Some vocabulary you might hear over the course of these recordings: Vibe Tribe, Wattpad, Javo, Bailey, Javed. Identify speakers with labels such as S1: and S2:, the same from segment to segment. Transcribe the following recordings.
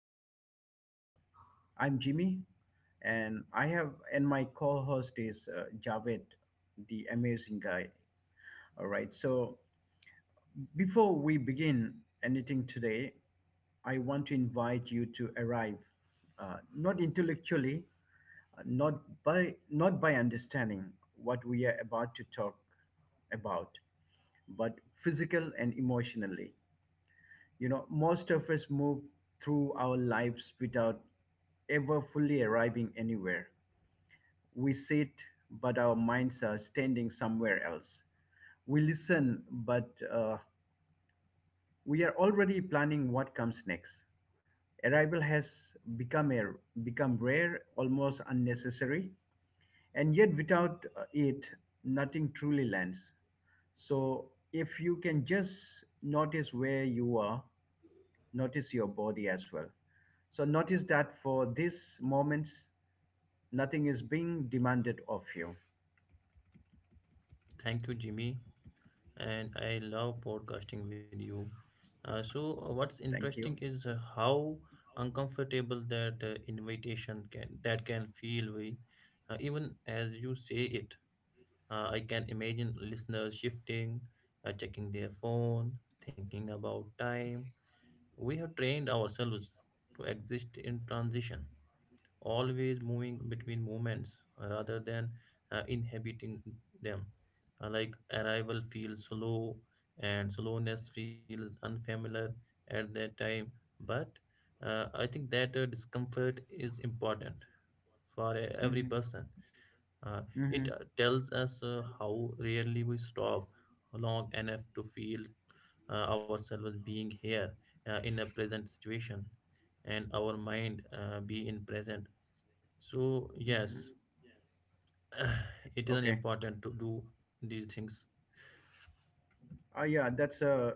S1: podcast. I'm Jimmy, and my co host is Javed, the amazing guy. All right. So, before we begin anything today, I want to invite you to arrive, not intellectually, not by not by understanding what we are about to talk about, but physical and emotionally. You know, most of us move through our lives without ever fully arriving anywhere. We sit, but our minds are standing somewhere else. We listen, but we are already planning what comes next. Arrival has become a, become rare, almost unnecessary, and yet without it, nothing truly lands. So if you can just notice where you are, notice your body as well. So notice that for these moments, nothing is being demanded of you.
S2: Thank you, Jimmy. And I love podcasting with you. What's
S1: Thank you.
S2: interesting is how uncomfortable that invitation can feel. Even as you say it, I can imagine listeners shifting, checking their phone, thinking about time. We have trained ourselves to exist in transition, always moving between moments, rather than inhabiting them. Like arrival feels slow and slowness feels unfamiliar at that time. But I think that discomfort is important for every
S1: Mm-hmm.
S2: person. Uh,
S1: Mm-hmm.
S2: it tells us how rarely we stop long enough to feel ourselves being here in a present situation, and our mind be in present. So, yes,
S1: Mm-hmm.
S2: it is an
S1: Okay.
S2: important to do these things.
S1: Oh, yeah, that's a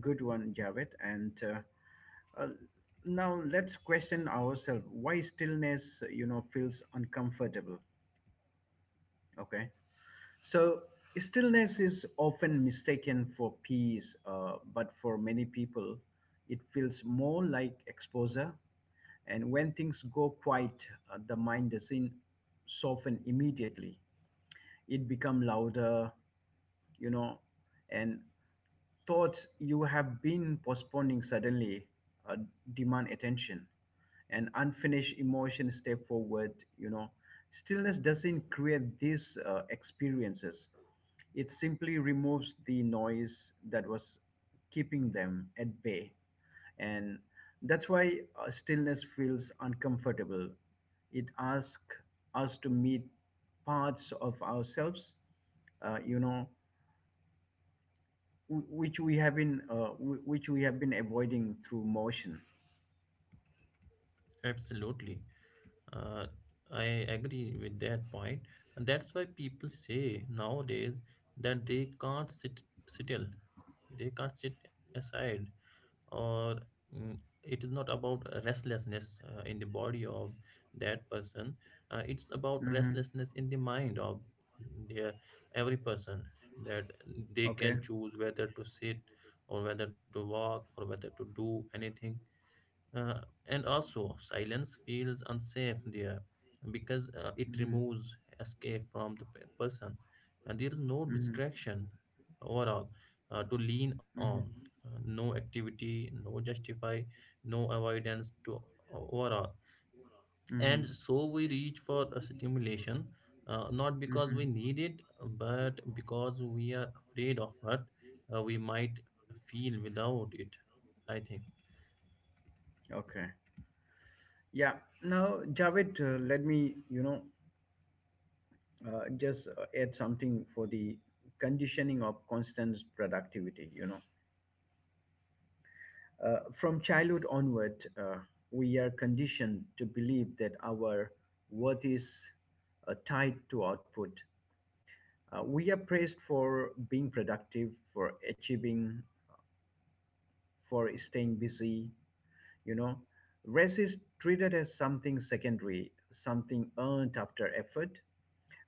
S1: good one, Javed. And Now let's question ourselves why stillness, you know, feels uncomfortable. Okay. So, stillness is often mistaken for peace, but for many people, it feels more like exposure. And when things go quiet, the mind doesn't soften immediately. It becomes louder, you know, and thoughts you have been postponing suddenly uh, demand attention, and unfinished emotions step forward. You know, stillness doesn't create these experiences. It simply removes the noise that was keeping them at bay. And that's why stillness feels uncomfortable. It asks us to meet parts of ourselves, uh, you know, wh- which we have been wh- which we have been avoiding through motion.
S2: Absolutely. Uh, I agree with that point. And that's why people say nowadays that they can't sit still, they can't sit aside. Or mm, it is not about restlessness in the body of that person. It's about
S1: Mm-hmm.
S2: restlessness in the mind of the, every person, that they
S1: Okay.
S2: can choose whether to sit or whether to walk or whether to do anything. uh, and also, silence feels unsafe there because it
S1: Mm-hmm.
S2: removes escape from the person. And there is no
S1: Mm-hmm.
S2: distraction overall to lean on,
S1: Mm-hmm.
S2: no activity, no justify, no avoidance to overall.
S1: Mm-hmm.
S2: And so we reach for a stimulation, not because
S1: Mm-hmm.
S2: we need it, but because we are afraid of what we might feel without it. I think.
S1: Okay. Yeah. Now, Javed, let me, you know, just add something for the conditioning of constant productivity. You know, from childhood onward, we are conditioned to believe that our worth is tied to output. We are praised for being productive, for achieving, for staying busy, you know. Rest is treated as something secondary, something earned after effort.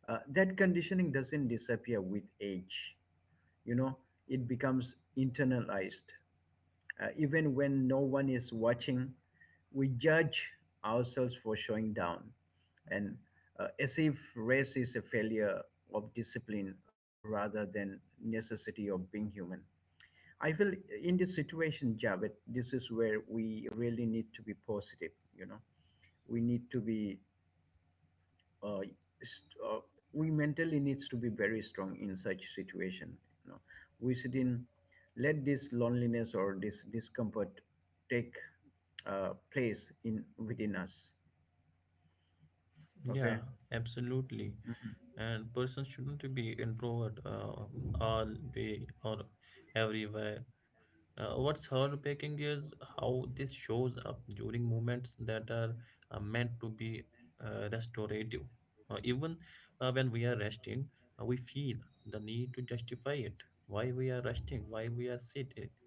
S1: That conditioning doesn't disappear with age, you know. It becomes internalized. Even when no one is watching, we judge ourselves for showing down, and as if race is a failure of discipline rather than necessity of being human. I feel in this situation, Javed, this is where we really need to be positive, you know. We need to be uh, st- uh, we mentally needs to be very strong in such situation, you know. We shouldn't let this loneliness or this discomfort take place in within us.
S2: Yeah,
S1: Okay.
S2: absolutely. And person shouldn't be introvert all day or everywhere. What's heartbreaking is how this shows up during moments that are meant to be restorative. Even when we are resting, we feel the need to justify it. Why we are resting? Why we are sitting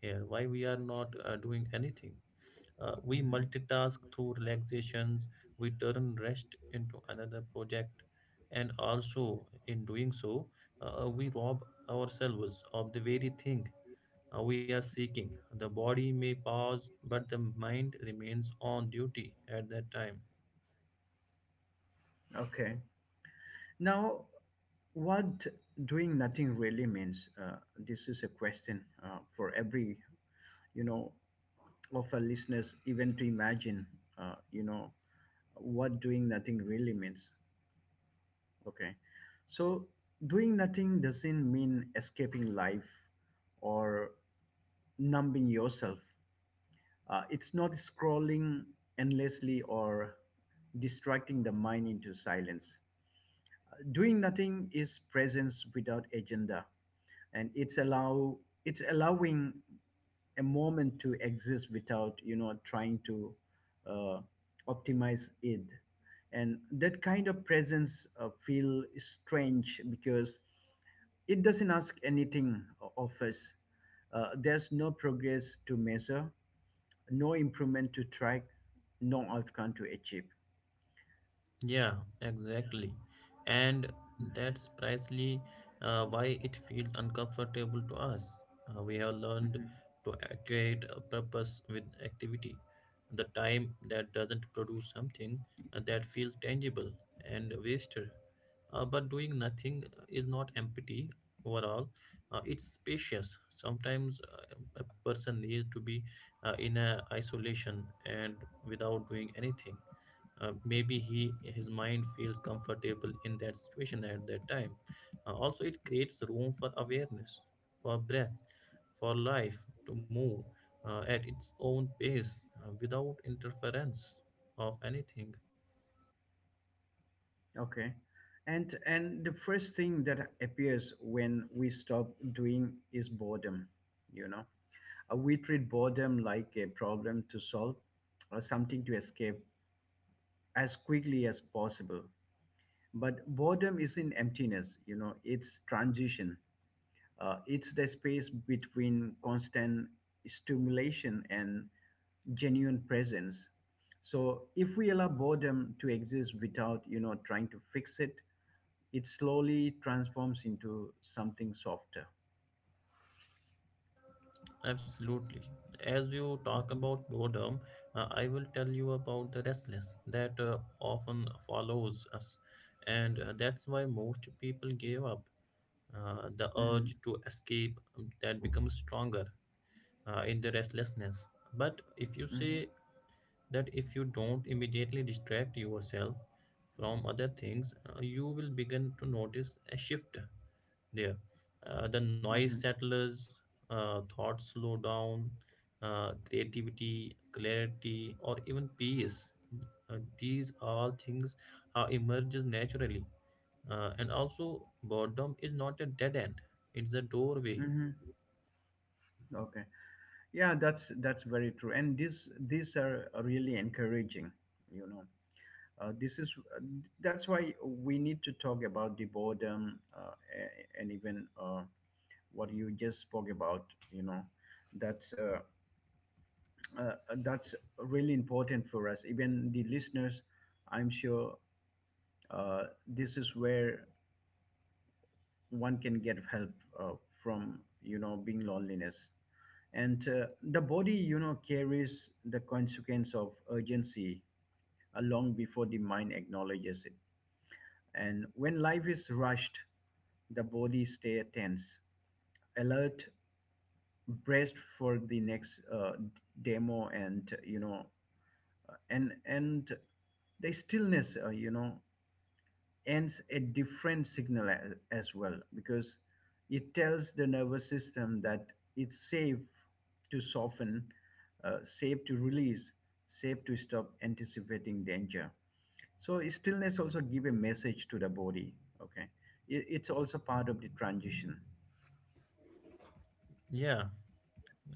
S2: here? Why we are not doing anything? We
S1: Hmm.
S2: multitask through relaxations, we turn rest into another project, and also in doing so, we rob ourselves of the very thing we are seeking. The body may pause, but the mind remains on duty at that time.
S1: Okay. Now, what doing nothing really means this is a question, for every, you know, of our listeners, even to imagine, uh, you know what doing nothing really means. Okay. So doing nothing doesn't mean escaping life or numbing yourself. It's not scrolling endlessly or distracting the mind into silence. Doing nothing is presence without agenda, and it's allowing a moment to exist without, you know, trying to uh, optimize it. And that kind of presence feel strange because it doesn't ask anything of us. There's no progress to measure, no improvement to track, no outcome to achieve.
S2: Yeah, exactly. And that's precisely why it feels uncomfortable to us. We have learned to equate a purpose with activity. The time that doesn't produce something that feels tangible and wasted. But doing nothing is not empty overall. It's spacious. Sometimes a person needs to be in a isolation and without doing anything, maybe he his mind feels comfortable in that situation at that time. Also it creates room for awareness, for breath, for life to move at its own pace without interference of anything.
S1: Okay. And the first thing that appears when we stop doing is boredom, you know. We treat boredom like a problem to solve or something to escape as quickly as possible. But boredom isn't emptiness, you know, it's transition. It's the space between constant stimulation and genuine presence. So if we allow boredom to exist without, you know, trying to fix it, it slowly transforms into something softer.
S2: Absolutely. As you talk
S1: Mhm,
S2: about boredom, I will tell you about the restless that often follows us, and that's why most people give up. The
S1: mhm,
S2: urge to escape that becomes stronger in the restlessness. But if you
S1: mhm,
S2: say that if you don't immediately distract yourself from other things, you will begin to notice a shift there. The noise
S1: mhm,
S2: settles, thoughts slow down, creativity, clarity, or even peace. These all things emerges naturally. And also, boredom is not a dead end; it's a doorway.
S1: mhm. Okay. Yeah, that's very true. And this, these are really encouraging, you know. This is that's why we need to talk about the boredom, a- and even what you just spoke about, you know. That's uh, that's really important for us. Even the listeners, I'm sure, this is where one can get help, uh, from, you know, being loneliness. And the body, you know, carries the consequence of urgency long before the mind acknowledges it. And when life is rushed, the body stay tense, alert, braced for the next demo. And, you know, and the stillness, ends a different signal as well, because it tells the nervous system that it's safe to soften, safe to release, safe to stop anticipating danger. So stillness also give a message to the body. Okay, it's also part of the transition.
S2: Yeah,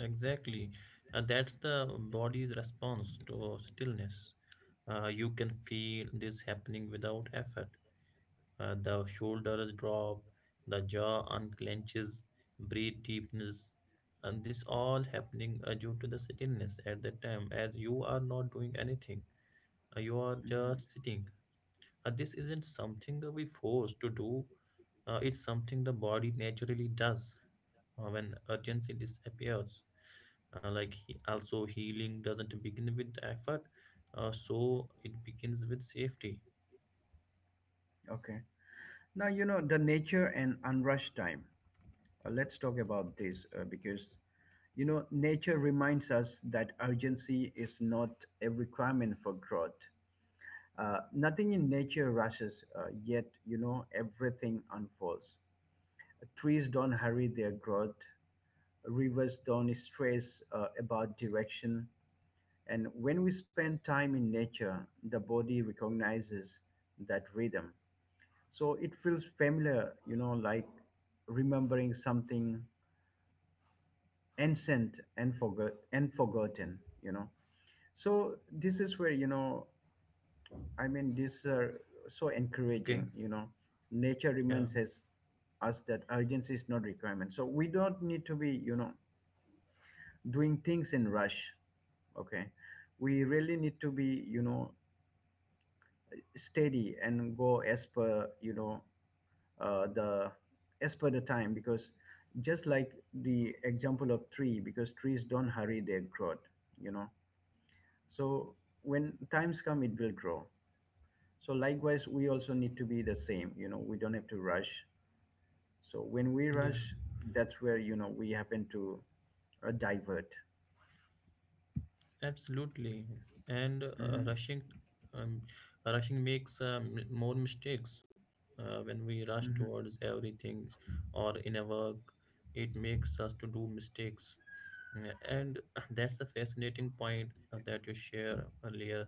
S2: exactly. That's the body's response to stillness. You can feel this happening without effort. The shoulders drop, the jaw unclenches, breathe deepness, and this all happening due to the stillness at that time, as you are not doing anything. You are
S1: Mhm.
S2: just sitting. This isn't something that we force to do. It's something the body naturally does when urgency disappears. Also, healing doesn't begin with effort, so it begins with safety.
S1: Okay. Now, you know, the nature and unrushed time. Let's talk about this because, you know, nature reminds us that urgency is not a requirement for growth. Nothing in nature rushes, yet, you know, everything unfolds. Trees don't hurry their growth, rivers don't stress about direction. And when we spend time in nature, the body recognizes that rhythm. So it feels familiar, you know, like remembering something ancient and forgotten, you know. So this is where, you know, I mean, this are so
S2: Okay.
S1: encouraging, you know. Nature
S2: Yeah.
S1: reminds us that urgency is not requirement, so we don't need to be, you know, doing things in rush. Okay, we really need to be, you know, steady and go as per, you know, the as per the time, because just like the example of tree, because trees don't hurry their growth, you know. So when times come, it will grow. So likewise, we also need to be the same, you know, we don't have to rush. So when we
S2: Yeah.
S1: rush, that's where, you know, we happen to divert.
S2: Absolutely. And
S1: Mm-hmm,
S2: rushing, um, rushing makes more mistakes. When we rush
S1: mm-hmm,
S2: towards everything or in a work, it makes us to do mistakes. Yeah. And that's a fascinating point that you share earlier,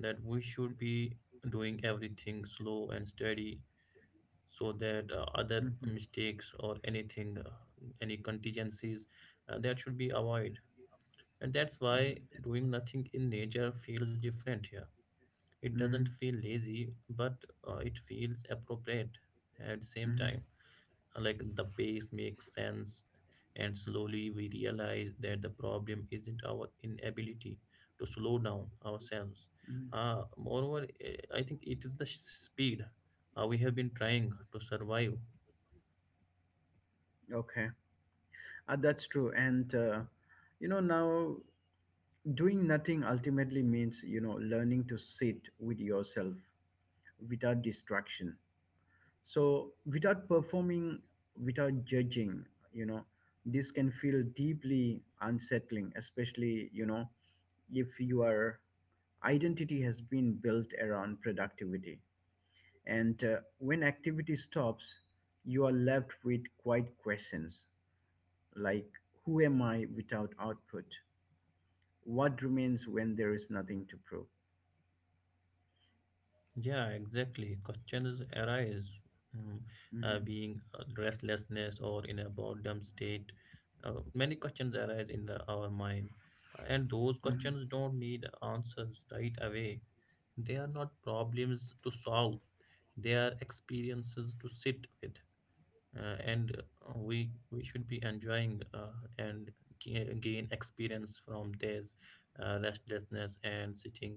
S2: that we should be doing everything slow and steady so that other
S1: mm-hmm,
S2: mistakes or anything, any contingencies, that should be avoided. And that's why doing nothing in nature feels different here. It doesn't
S1: mm-hmm,
S2: feel lazy, but it feels appropriate at the same
S1: mm-hmm,
S2: time. Like the pace makes sense, and slowly we realize that the problem isn't our inability to slow down ourselves.
S1: mm-hmm.
S2: Moreover, I think it is the speed we have been trying to survive.
S1: Okay. That's true. And, now, doing nothing ultimately means, you know, learning to sit with yourself without distraction, so without performing, without judging, you know. This can feel deeply unsettling, especially, you know, if your identity has been built around productivity. And when activity stops, you are left with quite questions, like, who am I without output? What remains when there is nothing to prove?
S2: Yeah, exactly, questions arise. mm,
S1: Mhm,
S2: Being restlessness or in a boredom state, many questions arise in our mind, and those
S1: mhm,
S2: questions don't need answers right away. They are not problems to solve, they are experiences to sit with. And We should be enjoying and gain experience from these restlessness and sitting.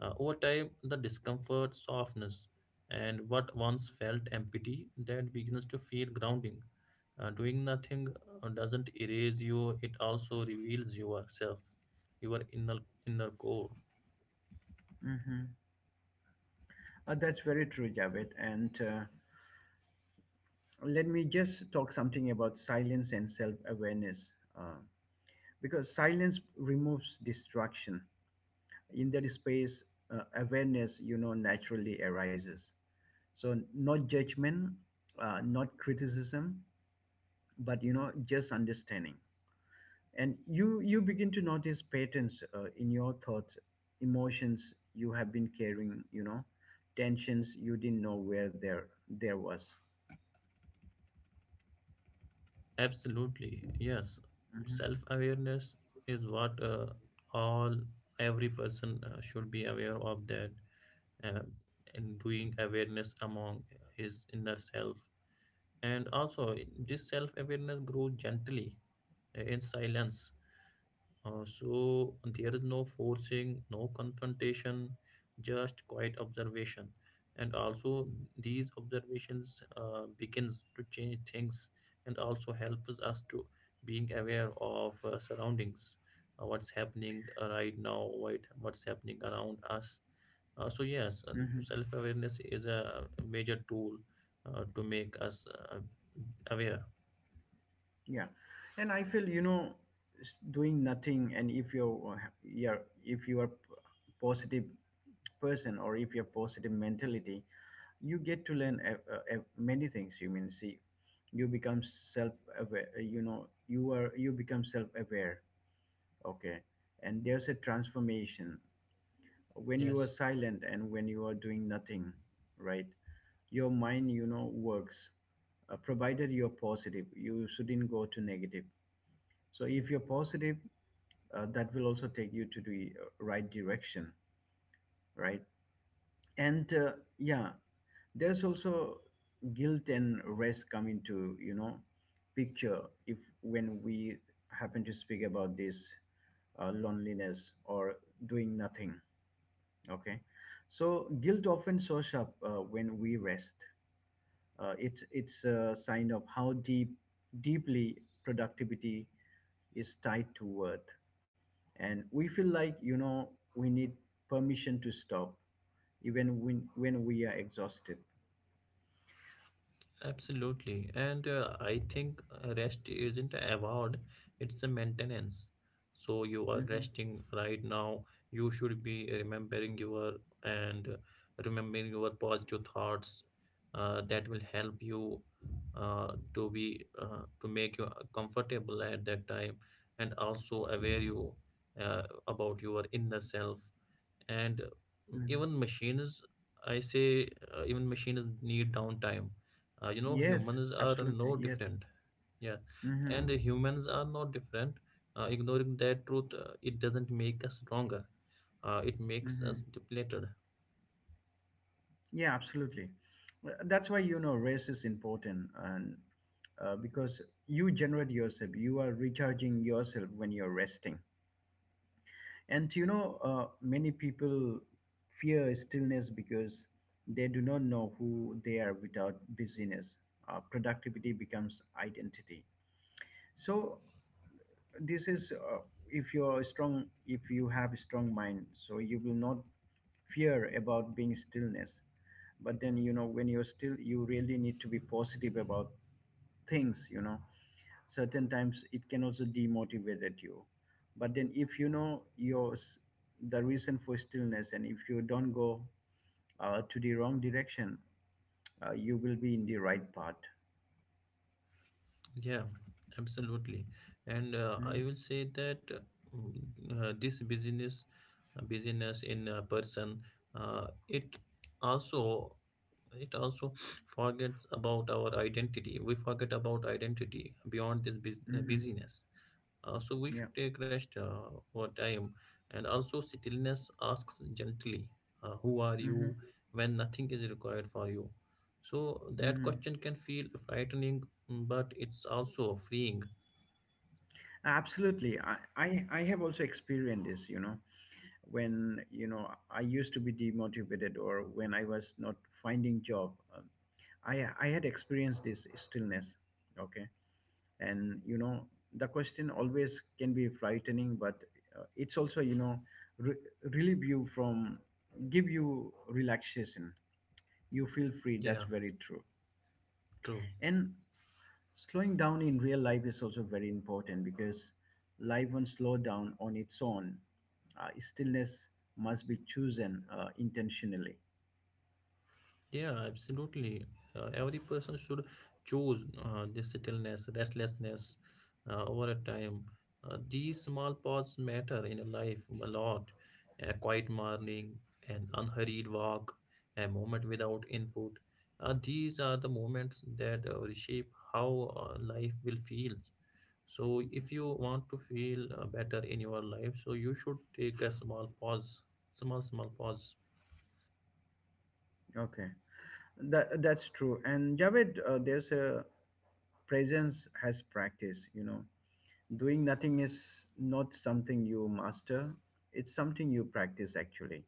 S2: Over time, the discomfort softness, and what once felt empty that begins to feel grounding. Doing nothing doesn't erase you; it also reveals yourself, your inner core.
S1: mhm. That's very true, Javed. And let me just talk something about silence and self-awareness, because silence removes distraction. In that space, awareness, you know, naturally arises. So not judgment, not criticism, but, you know, just understanding. And you begin to notice patterns, in your thoughts, emotions you have been carrying, you know, tensions you didn't know where there was.
S2: Absolutely, yes.
S1: Mhm,
S2: Self awareness is what all every person should be aware of, that um, and doing awareness among his inner self. And also, this self awareness grows gently in silence, so there is no forcing, no confrontation, just quiet observation. And also these observations begins to change things and also helps us to being aware of surroundings, what's happening right now, what's happening around us. So yes,
S1: mhm.
S2: self-awareness is a major tool to make us aware.
S1: Yeah, and I feel, you know, doing nothing, and if you're yeah, if you are positive person, or if you're positive mentality, you get to learn many things you mean see. You become self-aware, you know, you become self-aware. Okay. And there's a transformation when you are
S2: Yes.
S1: silent and when you are doing nothing, right? Your mind, you know, works, provided you're positive. You shouldn't go to negative. So if you're positive, that will also take you to the right direction, right? And yeah, there's also guilt and rest come into, you know, picture if when we happen to speak about this, loneliness or doing nothing. Okay, so guilt often shows up when we rest. It's a sign of how deeply productivity is tied to worth, and we feel like, you know, we need permission to stop, even when we are exhausted.
S2: Absolutely. And I think rest isn't a award, it's a maintenance. So you are
S1: Hmm.
S2: resting right now. You should be remembering your, and remembering your positive thoughts that will help you to make you comfortable at that time, and also aware you uh, about your inner self. And
S1: Hmm.
S2: even machines, I say, even machines need downtime. You know,
S1: Yes,
S2: humans are no
S1: absolutely, yes.
S2: different. Yeah.
S1: Hmm.
S2: And humans are not different. Ignoring that truth, it doesn't make us stronger, it makes us
S1: Hmm.
S2: depleted.
S1: Yeah, absolutely. Well, that's why, you know, rest is important. And because you generate yourself, you are recharging yourself when you're resting. And you know, many people fear stillness because they do not know who they are without busyness. Productivity becomes identity. So this is if you have a strong mind, so you will not fear about being stillness. But then, you know, when you're still, you really need to be positive about things, you know. Certain times it can also demotivate you, but then if you know your the reason for stillness, and if you don't go to the wrong direction, you will be in the right path.
S2: Yeah, absolutely. And I
S1: Mm-hmm.
S2: will say that, mm, this busyness in a person, it also It also forgets about our identity. We forget about identity beyond this
S1: Mm-hmm.
S2: busyness. So we should
S1: Yeah.
S2: take rest over time. And also, stillness asks gently, who are
S1: Mm-hmm.
S2: you when nothing is required for you? So that
S1: Mm-hmm.
S2: question can feel frightening, but it's also freeing.
S1: Absolutely. I have also experienced this, you know, when, you know, I used to be demotivated, or when I was not finding job, I had experienced this stillness. Okay. And, you know, the question always can be frightening, but it's also, you know, re- relieve you from, give you relaxation. You feel free. That's
S2: Yeah,
S1: very true.
S2: true.
S1: And slowing down in real life is also very important, because life won't slow down on its own. Stillness must be chosen intentionally.
S2: Yeah, absolutely. Every person should choose this stillness, restlessness over a time. These small pauses matter in a life a lot. A quiet morning, an unhurried walk, a moment without input. These are the moments that reshape how life will feel. So, if you want to feel better in your life, so you should take a small pause, small pause.
S1: Okay, that that's true. And Javed, there's a presence has practice. You know, doing nothing is not something you master. It's something you practice actually.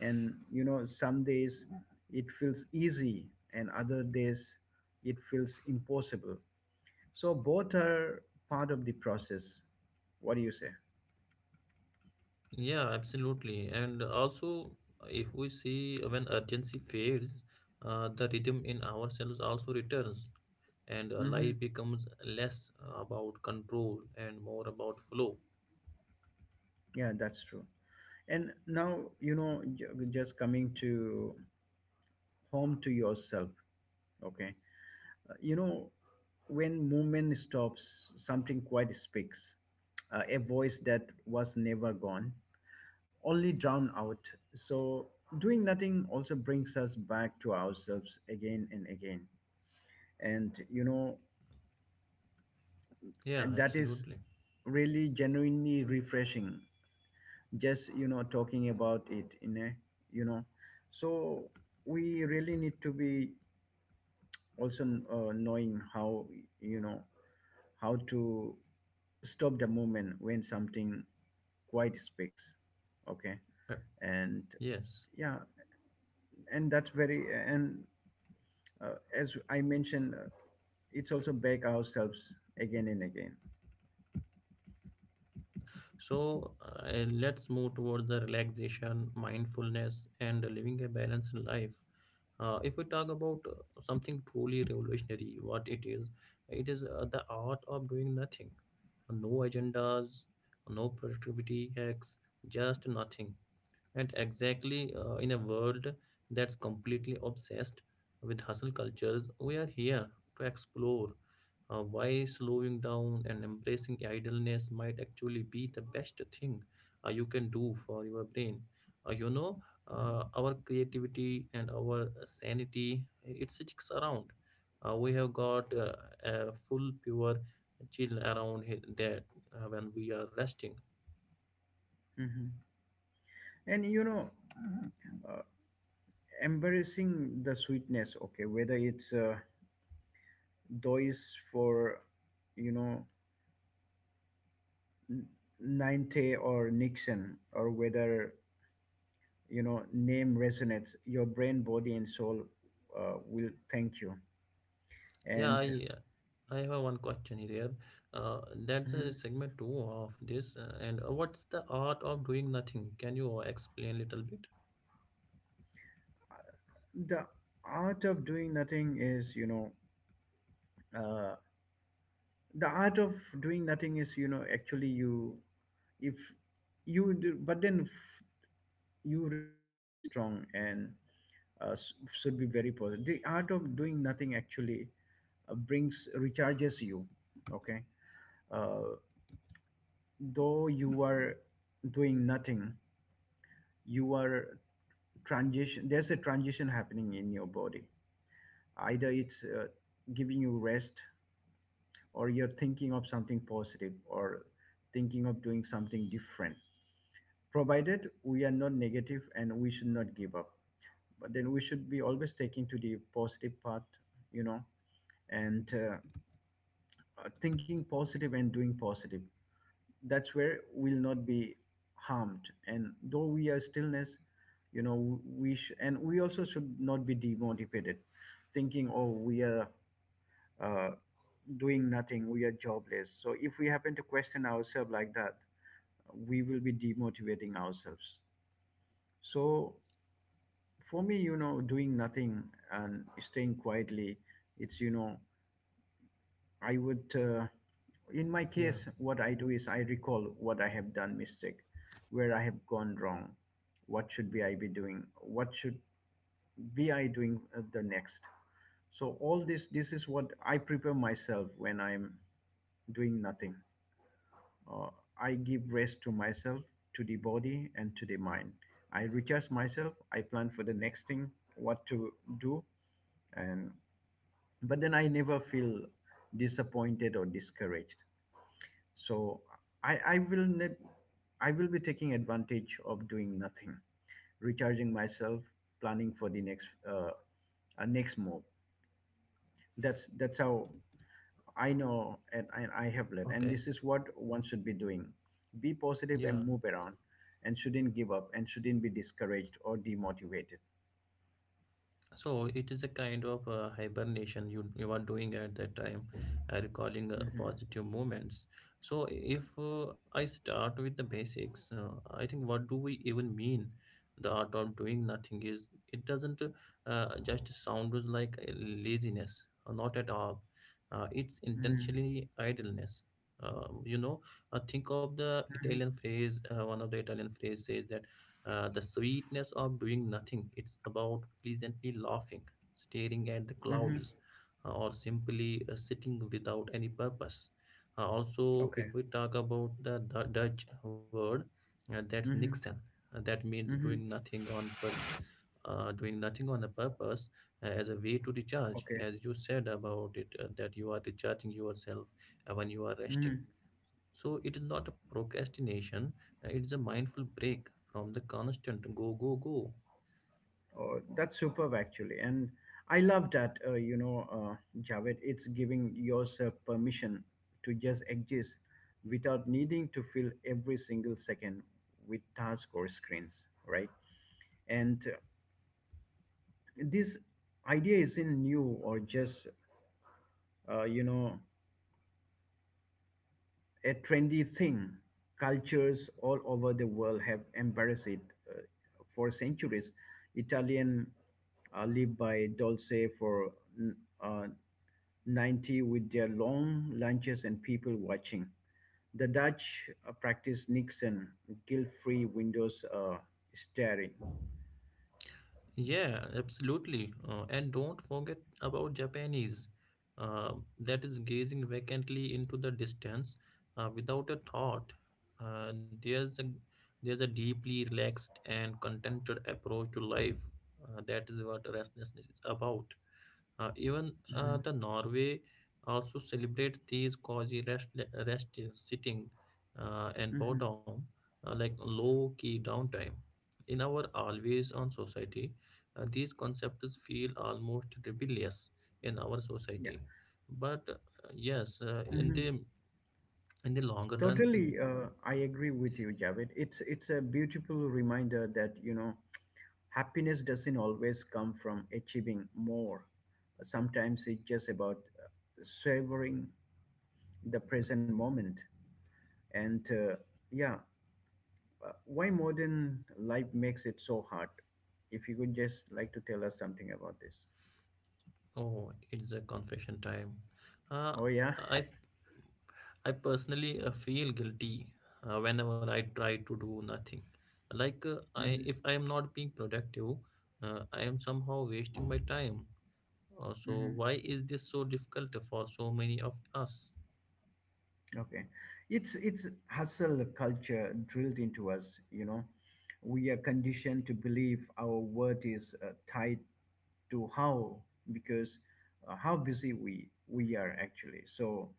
S1: And you know, some days it feels easy, and other days it feels impossible. So both are part of the process. What do you say?
S2: Yeah, absolutely. And also, if we see when urgency fades, the rhythm in ourselves also returns, and
S1: hmm
S2: life becomes less about control and more about flow.
S1: Yeah, that's true. And now, you know, just coming to home to yourself, okay? Uh, you know, when movement stops, something quite speaks, a voice that was never gone, only drowned out. So doing nothing also brings us back to ourselves again and again. And, you know,
S2: Yeah,
S1: and that is
S2: absolutely.
S1: really genuinely refreshing, just talking about it in a, you know so we really need to be also, knowing how, you know how to stop the moment when something quite speaks, okay,
S2: Uh,
S1: and
S2: Yes.
S1: yeah. And that's very, and as I mentioned, it's also back ourselves again and again.
S2: Yes. So let's move towards the relaxation, mindfulness, and living a balanced life. If we talk about something truly revolutionary, what it is the art of doing nothing. No agendas, no productivity hacks, just nothing. And exactly, in a world that's completely obsessed with hustle cultures, we are here to explore why slowing down and embracing idleness might actually be the best thing you can do for your brain. Uh, you know,
S1: Mhm.
S2: our creativity and our sanity, it sticks around. We have got a full, pure chill around that when we are resting.
S1: Mhm. and you know uh, Embracing the sweetness, okay, whether it's dois for, you know N- ninte, or nixon, or whether name resonates, your brain, body and soul will thank you.
S2: Yeah,
S1: And
S2: I have one question here. That's a
S1: mhm,
S2: segment two of this. And What's the art of doing nothing? Can you explain a little bit?
S1: the art of doing nothing is you know uh, the art of doing nothing is, actually, you if you do, but then you really need to be strong and, should be very positive. The art of doing nothing actually brings, recharges you. Okay, uh, though you are doing nothing, you are transition. There's a transition happening in your body. Either it's giving you rest, or you're thinking of something positive, or thinking of doing something different. Provided we are not negative and we should not give up, but then we should be always taking to the positive path. You know, and thinking positive and doing positive, that's where we'll not be harmed, and though we are stillness, and we also should not be demotivated, thinking oh we are uh, doing nothing, we are jobless. So if we happen to question ourselves like that, we will be demotivating ourselves. So for me, doing nothing and staying quietly, it's, I would, in my
S2: Yeah.
S1: case, what I do is I recall what I have done mistake, where I have gone wrong, what should be I be doing, what should be I doing the next. So all this is what I prepare myself when I'm doing nothing. Uh, I give rest to myself, to the body, and to the mind. I recharge myself. I plan for the next thing, what to do, and but then I never feel disappointed or discouraged. So I, I will ne- I will be taking advantage of doing nothing, recharging myself, planning for the next next move. That's how I know, and I have led. And
S2: Okay.
S1: this is what one should be doing: be positive
S2: Yeah.
S1: and move around, and shouldn't give up, and shouldn't be discouraged or demotivated.
S2: So it is a kind of hibernation you are doing at that time, recalling
S1: Mm-hmm.
S2: positive moments. So if I start with the basics, I think what do we even mean? The art of doing nothing is it doesn't just sound as like laziness, not at all. It's
S1: Mm-hmm.
S2: intentionally idleness. Uh, you know, think of the Italian phrase. One of the Italian phrase says that the sweetness of doing nothing. It's about pleasantly laughing, staring at the
S1: Mm-hmm. Mm-hmm.
S2: clouds, or simply sitting without any purpose. Also,
S1: Okay.
S2: if we talk about the Dutch word, that's Nixon.
S1: Mm-hmm.
S2: That means doing
S1: Mm-hmm.
S2: nothing on purpose, doing nothing on a purpose, as a way to recharge
S1: Okay.
S2: as you said about it, that you are recharging yourself when you are
S1: Mm-hmm.
S2: resting, so it is not a procrastination. It is a mindful break from the constant go, go, go.
S1: Oh, that's superb actually, and I love that. Javed, it's giving yourself permission to just exist without needing to fill every single second with tasks or screens, right? And This idea isn't new or just, uh, you know a trendy thing. Cultures all over the world have embraced it uh, for centuries. Italian live by dolce for n- uh, 90 with their long lunches and people watching. The Dutch practice Nixon, guilt-free windows, staring.
S2: Yeah, absolutely. And don't forget about Japanese. Uh, that is gazing vacantly into the distance without a thought. Uh, there's a there's a deeply relaxed and contented approach to life. That is what restlessness is about. Even
S1: Mhm.
S2: the Norway also celebrates these cozy rest, rest sitting, and
S1: Mhm.
S2: bottom, like low key downtime. In our always on society, these concepts feel almost rebellious in our
S1: Yeah.
S2: society. But uh, yes, uh, in
S1: Mm-hmm.
S2: the in the longer run.
S1: Totally, I agree with you, Javed. It's a beautiful reminder that, you know, happiness doesn't always come from achieving more. Sometimes it's just about savoring the present moment. And Yeah, why modern life makes it so hard? If you could just like to tell us something about this.
S2: Oh, it's a confession time. Uh,
S1: Oh yeah.
S2: I I personally feel guilty whenever I try to do nothing. Like, if I am not being productive, I am somehow wasting my time. So
S1: hmm
S2: why is this so difficult for so many of us?
S1: Okay. It's hustle culture drilled into us, you know. We are conditioned to believe our worth is tied to how, because, how busy we are actually. So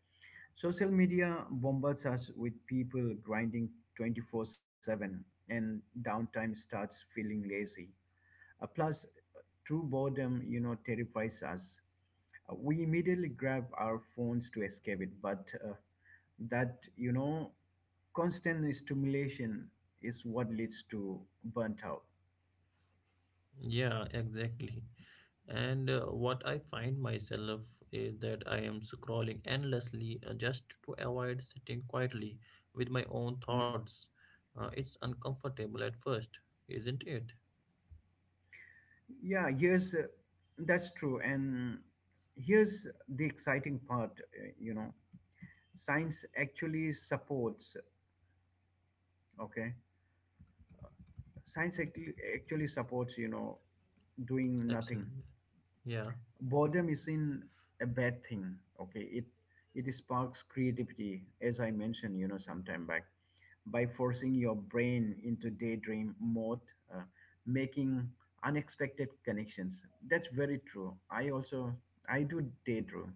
S1: social media bombards us with people grinding 24/7, and downtime starts feeling lazy. Plus true boredom, you know, terrifies us. We immediately grab our phones to escape it, but, that you know constant stimulation is what leads to burnt out.
S2: Yeah, exactly. And what I find myself is that I am scrolling endlessly, just to avoid sitting quietly with my own
S1: Mm.
S2: thoughts. It's uncomfortable at first, isn't it?
S1: yeah here's That's true, and here's the exciting part, science actually supports, okay, science actually supports, doing nothing.
S2: Absolutely. Yeah.
S1: Boredom isn't a bad thing, okay, it sparks creativity, as I mentioned, you know, sometime back, by forcing your brain into daydream mode, uh, making unexpected connections. That's very true, I also, I do daydream.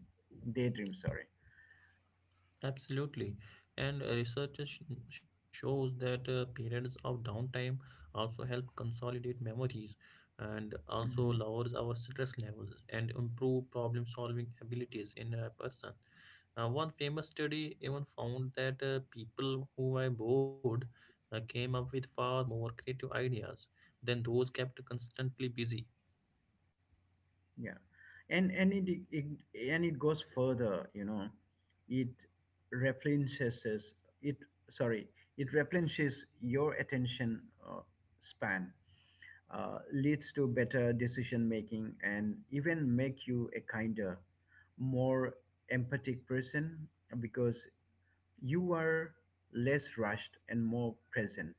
S1: Daydream, sorry.
S2: Absolutely. And research shows that periods of downtime also help consolidate memories and also lowers our stress levels and improve problem solving abilities in a person. One famous study even found that people who were bored came up with far more creative ideas than those kept constantly busy.
S1: Yeah and and it, it and it goes further, you know, it replenishes it sorry it replenishes your attention uh, span, leads to better decision making, and even make you a kinder, more empathic person, because you are less rushed and more present.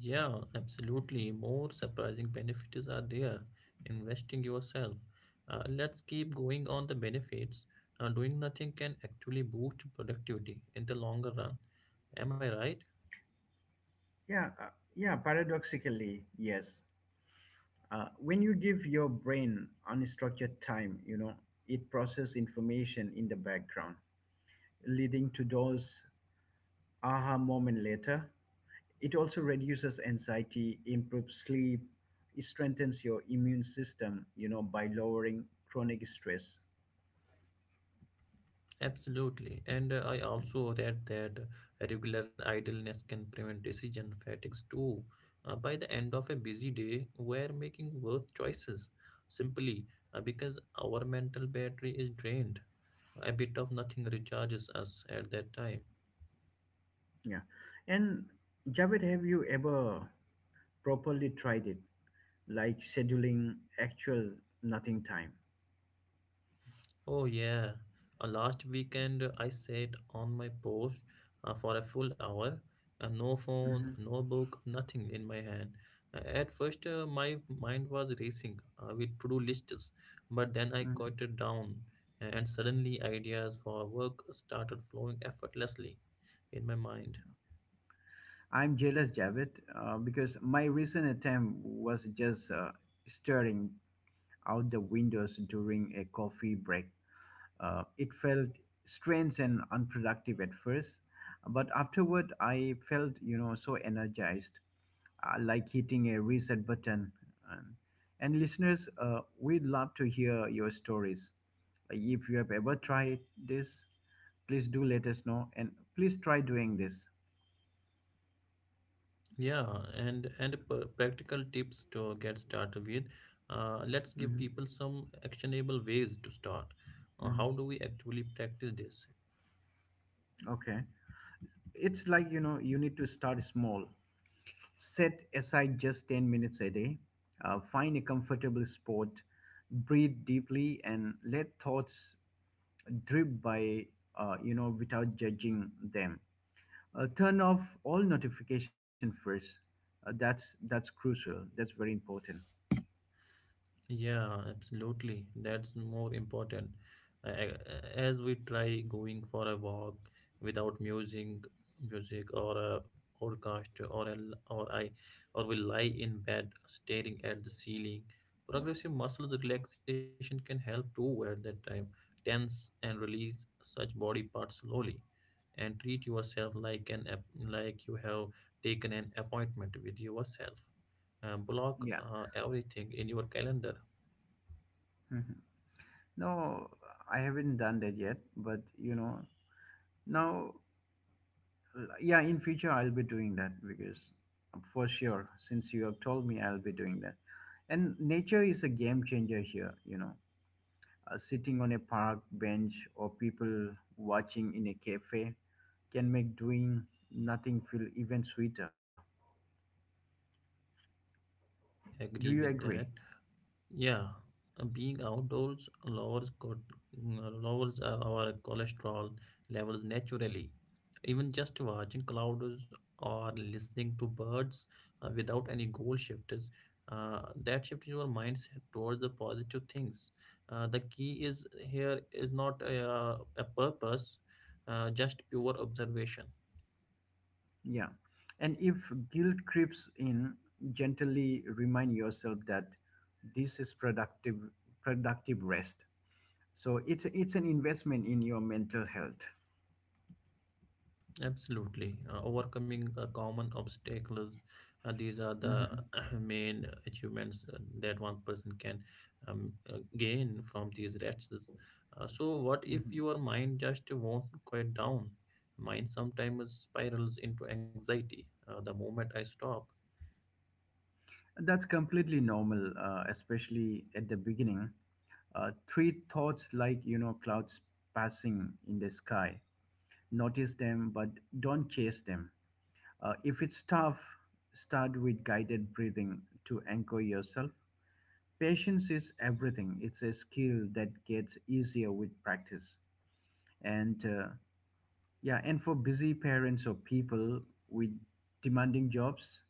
S2: Yeah, absolutely. More surprising benefits are there. Investing yourself. Let's keep going on the benefits. Doing nothing can actually boost productivity in the longer run. Am I right?
S1: yeah uh, yeah, paradoxically, yes. When you give your brain unstructured time, you know, it processes information in the background, leading to those aha moment later. It also reduces anxiety, improves sleep, it strengthens your immune system, you know, by lowering chronic stress.
S2: Absolutely. And I also read that regular idleness can prevent decision fatigues too. By the end of a busy day, we're making worse choices simply because our mental battery is drained. A bit of nothing recharges us at that time.
S1: yeah and Javed, have you ever properly tried it, like scheduling actual nothing time?
S2: Oh, yeah. Last weekend, I sat on my porch for a full hour. No phone,
S1: hmm
S2: no book, nothing in my hand. At first, my mind was racing with to-do lists, but then I quieted down, and suddenly ideas for work started flowing effortlessly in my mind.
S1: I'm jealous, Javed, because my recent attempt was just staring out the windows during a coffee break. It felt strange and unproductive at first, but afterward I felt, you know, so energized, like hitting a reset button. Um, and listeners, we'd love to hear your stories. If you have ever tried this, please do let us know, and please try doing this.
S2: Yeah, and practical tips to get started with. Let's give
S1: Mhm.
S2: people some actionable ways to start. Uh,
S1: Mhm.
S2: how do we actually practice this?
S1: Okay. It's like, you know, you need to start small, set aside just 10 minutes a day, find a comfortable spot, breathe deeply, and let thoughts drip by, without judging them, turn off all notification first, that's crucial, that's very important.
S2: Yeah, absolutely. That's more important. As we try going for a walk without music, music or a podcast, or a, or I, or we lie in bed staring at the ceiling. Progressive muscles relaxation can help too at that time. Tense and release such body parts slowly, and treat yourself like like you have taken an appointment with yourself. Uh, block
S1: Yeah
S2: uh, everything in your calendar.
S1: Mhm. No, I haven't done that yet, but you know, now, yeah, in future I'll be doing that, because for sure, since you have told me, I'll be doing that. And nature is a game changer here, you know, sitting on a park bench, or people watching in a cafe, can make doing nothing feel even sweeter.
S2: I totally agree
S1: Do you
S2: with that.
S1: agree?
S2: Yeah, being outdoors lowers lowers our cholesterol levels naturally. Even just watching clouds or listening to birds without any goal shifters, that shifts your mindset towards the positive things. The key is here is not a, a purpose, just pure observation.
S1: Yeah. And if guilt creeps in, gently remind yourself that this is productive rest. So it's an investment in your mental health.
S2: Absolutely. Overcoming common obstacles, these are the
S1: Mhm.
S2: main achievements that one person can gain from these rests. So, what if
S1: Mhm.
S2: your mind just won't quiet down? Mind sometimes spirals into anxiety the moment I stop.
S1: That's completely normal, especially at the beginning. Treat thoughts like, you know, clouds passing in the sky. Notice them, but don't chase them. If it's tough, start with guided breathing to anchor yourself. Patience is everything. It's a skill that gets easier with practice. And Yeah, and for busy parents or people with demanding jobs,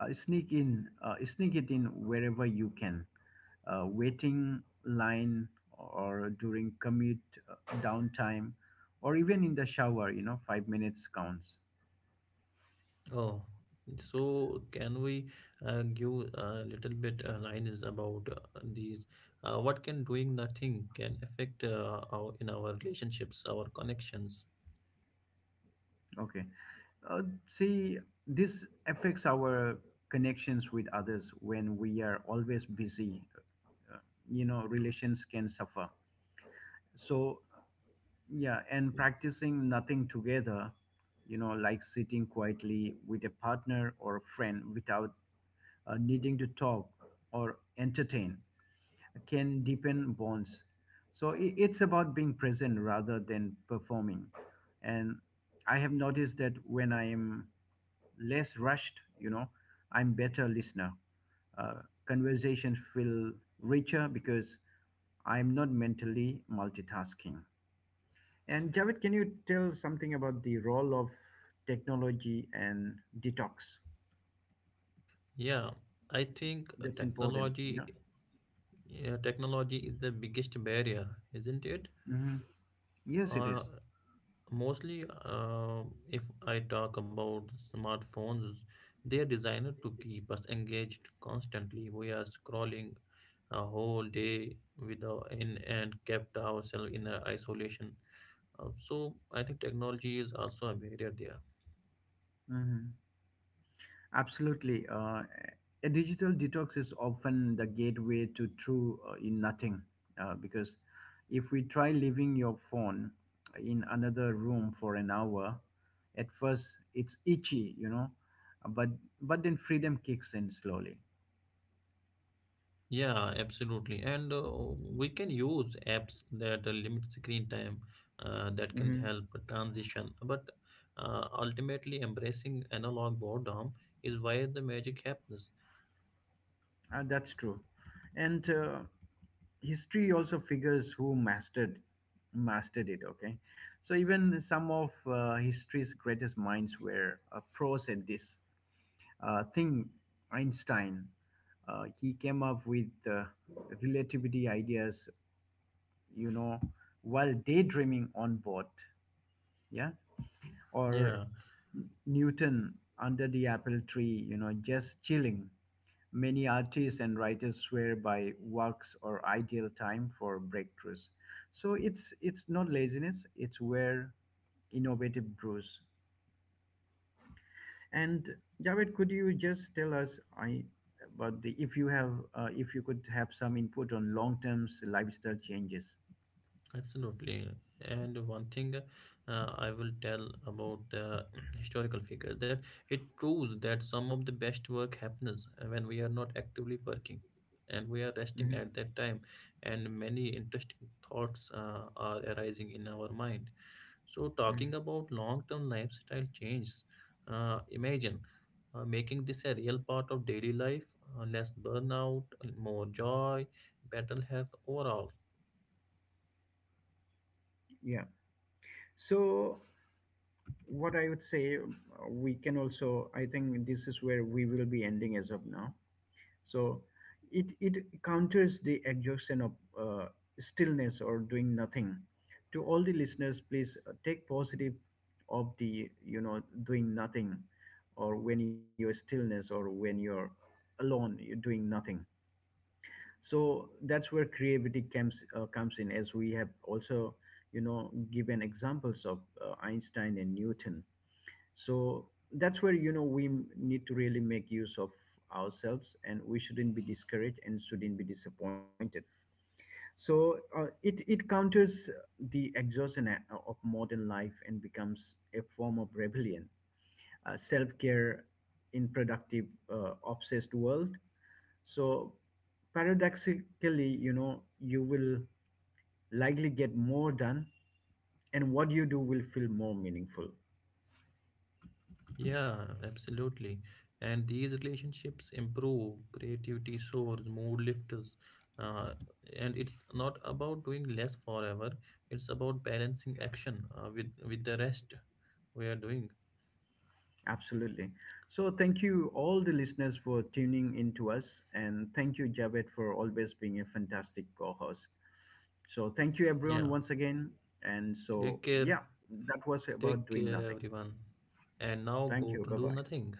S1: sneak it in wherever you can, waiting line, or during commute, uh, downtime, or even in the shower, you know, 5 minutes counts.
S2: Oh, so can we give a little bit lines about these? What can doing nothing can affect our in our relationships, our connections?
S1: Okay, uh, see, this affects our connections with others when we are always busy, uh, relations can suffer. So yeah, and practicing nothing together, you know, like sitting quietly with a partner or a friend without, needing to talk or entertain, can deepen bonds. So it's about being present rather than performing. And I have noticed that when I am less rushed, you know, I'm better listener. Conversations feel richer because I'm not mentally multitasking. And Javed, can you tell something about the role of technology and detox?
S2: Yeah, I think uh,
S1: That's important. Yeah.
S2: technology, uh, technology is the biggest barrier, isn't it?
S1: hmm Yes, it
S2: Uh,
S1: is.
S2: Mostly, if I talk about smartphones, they're designed to keep us engaged constantly. We are scrolling a whole day without in and kept ourselves in a isolation. So I think technology is also a barrier there.
S1: Mhm. Absolutely. A digital detox is often the gateway to true in nothing, because if we try leaving your phone in another room for an hour, at first it's itchy, you know, but but then freedom kicks in slowly.
S2: Yeah, absolutely. And we can use apps that limit screen time that can
S1: hmm
S2: help transition. But ultimately, embracing analog boredom is where the magic happens.
S1: That's true, and history also figures who mastered it. Okay, so even some of history's greatest minds were pros at this thing. Einstein, he came up with relativity ideas, you know, while daydreaming on board, yeah. Or
S2: Yeah,
S1: Newton, under the apple tree, you know, just chilling. Many artists and writers swear by works or ideal time for breakthroughs, so it's not laziness, it's where innovative brews. And Javed, could you just tell us about the, if you have, if you could have some input on long-term lifestyle changes?
S2: absolutely. And one thing I will tell about the historical figures that it proves that some of the best work happens when we are not actively working and we are resting
S1: Mhm.
S2: at that time, and many interesting thoughts are arising in our mind. So, talking
S1: Mhm.
S2: about long term lifestyle changes, imagine making this a real part of daily life, less burnout, more joy, better health overall.
S1: Yeah. So what I would say, we can also, I think this is where we will be ending as of now. So it counters the exhaustion of uh, stillness or doing nothing. To all the listeners, please take positive of the, you know, doing nothing, or when you're stillness, or when you're alone, you're doing nothing. So that's where creativity comes, comes in, as we have also, you know, given examples of Einstein and Newton. So that's where, you know, need to really make use of ourselves, and we shouldn't be discouraged and shouldn't be disappointed. So it counters the exhaustion of modern life, and becomes a form of rebellion, self-care in productive obsessed world. So paradoxically, you know, you will likely get more done, and what you do will feel more meaningful.
S2: Yeah, absolutely. And these relationships improve, creativity soars, mood lifts. Uh, and it's not about doing less forever, it's about balancing action with the rest we are doing.
S1: Absolutely. So, thank you all the listeners for tuning in to us, and thank you, Javed, for always being a fantastic co host. So, thank you,
S2: Yeah,
S1: everyone, once again. And
S2: take
S1: so,
S2: care,
S1: yeah, that was about
S2: take
S1: doing
S2: care,
S1: nothing.
S2: everyone. And now
S1: Thank
S2: go
S1: you.
S2: to
S1: Bye
S2: do
S1: bye.
S2: nothing.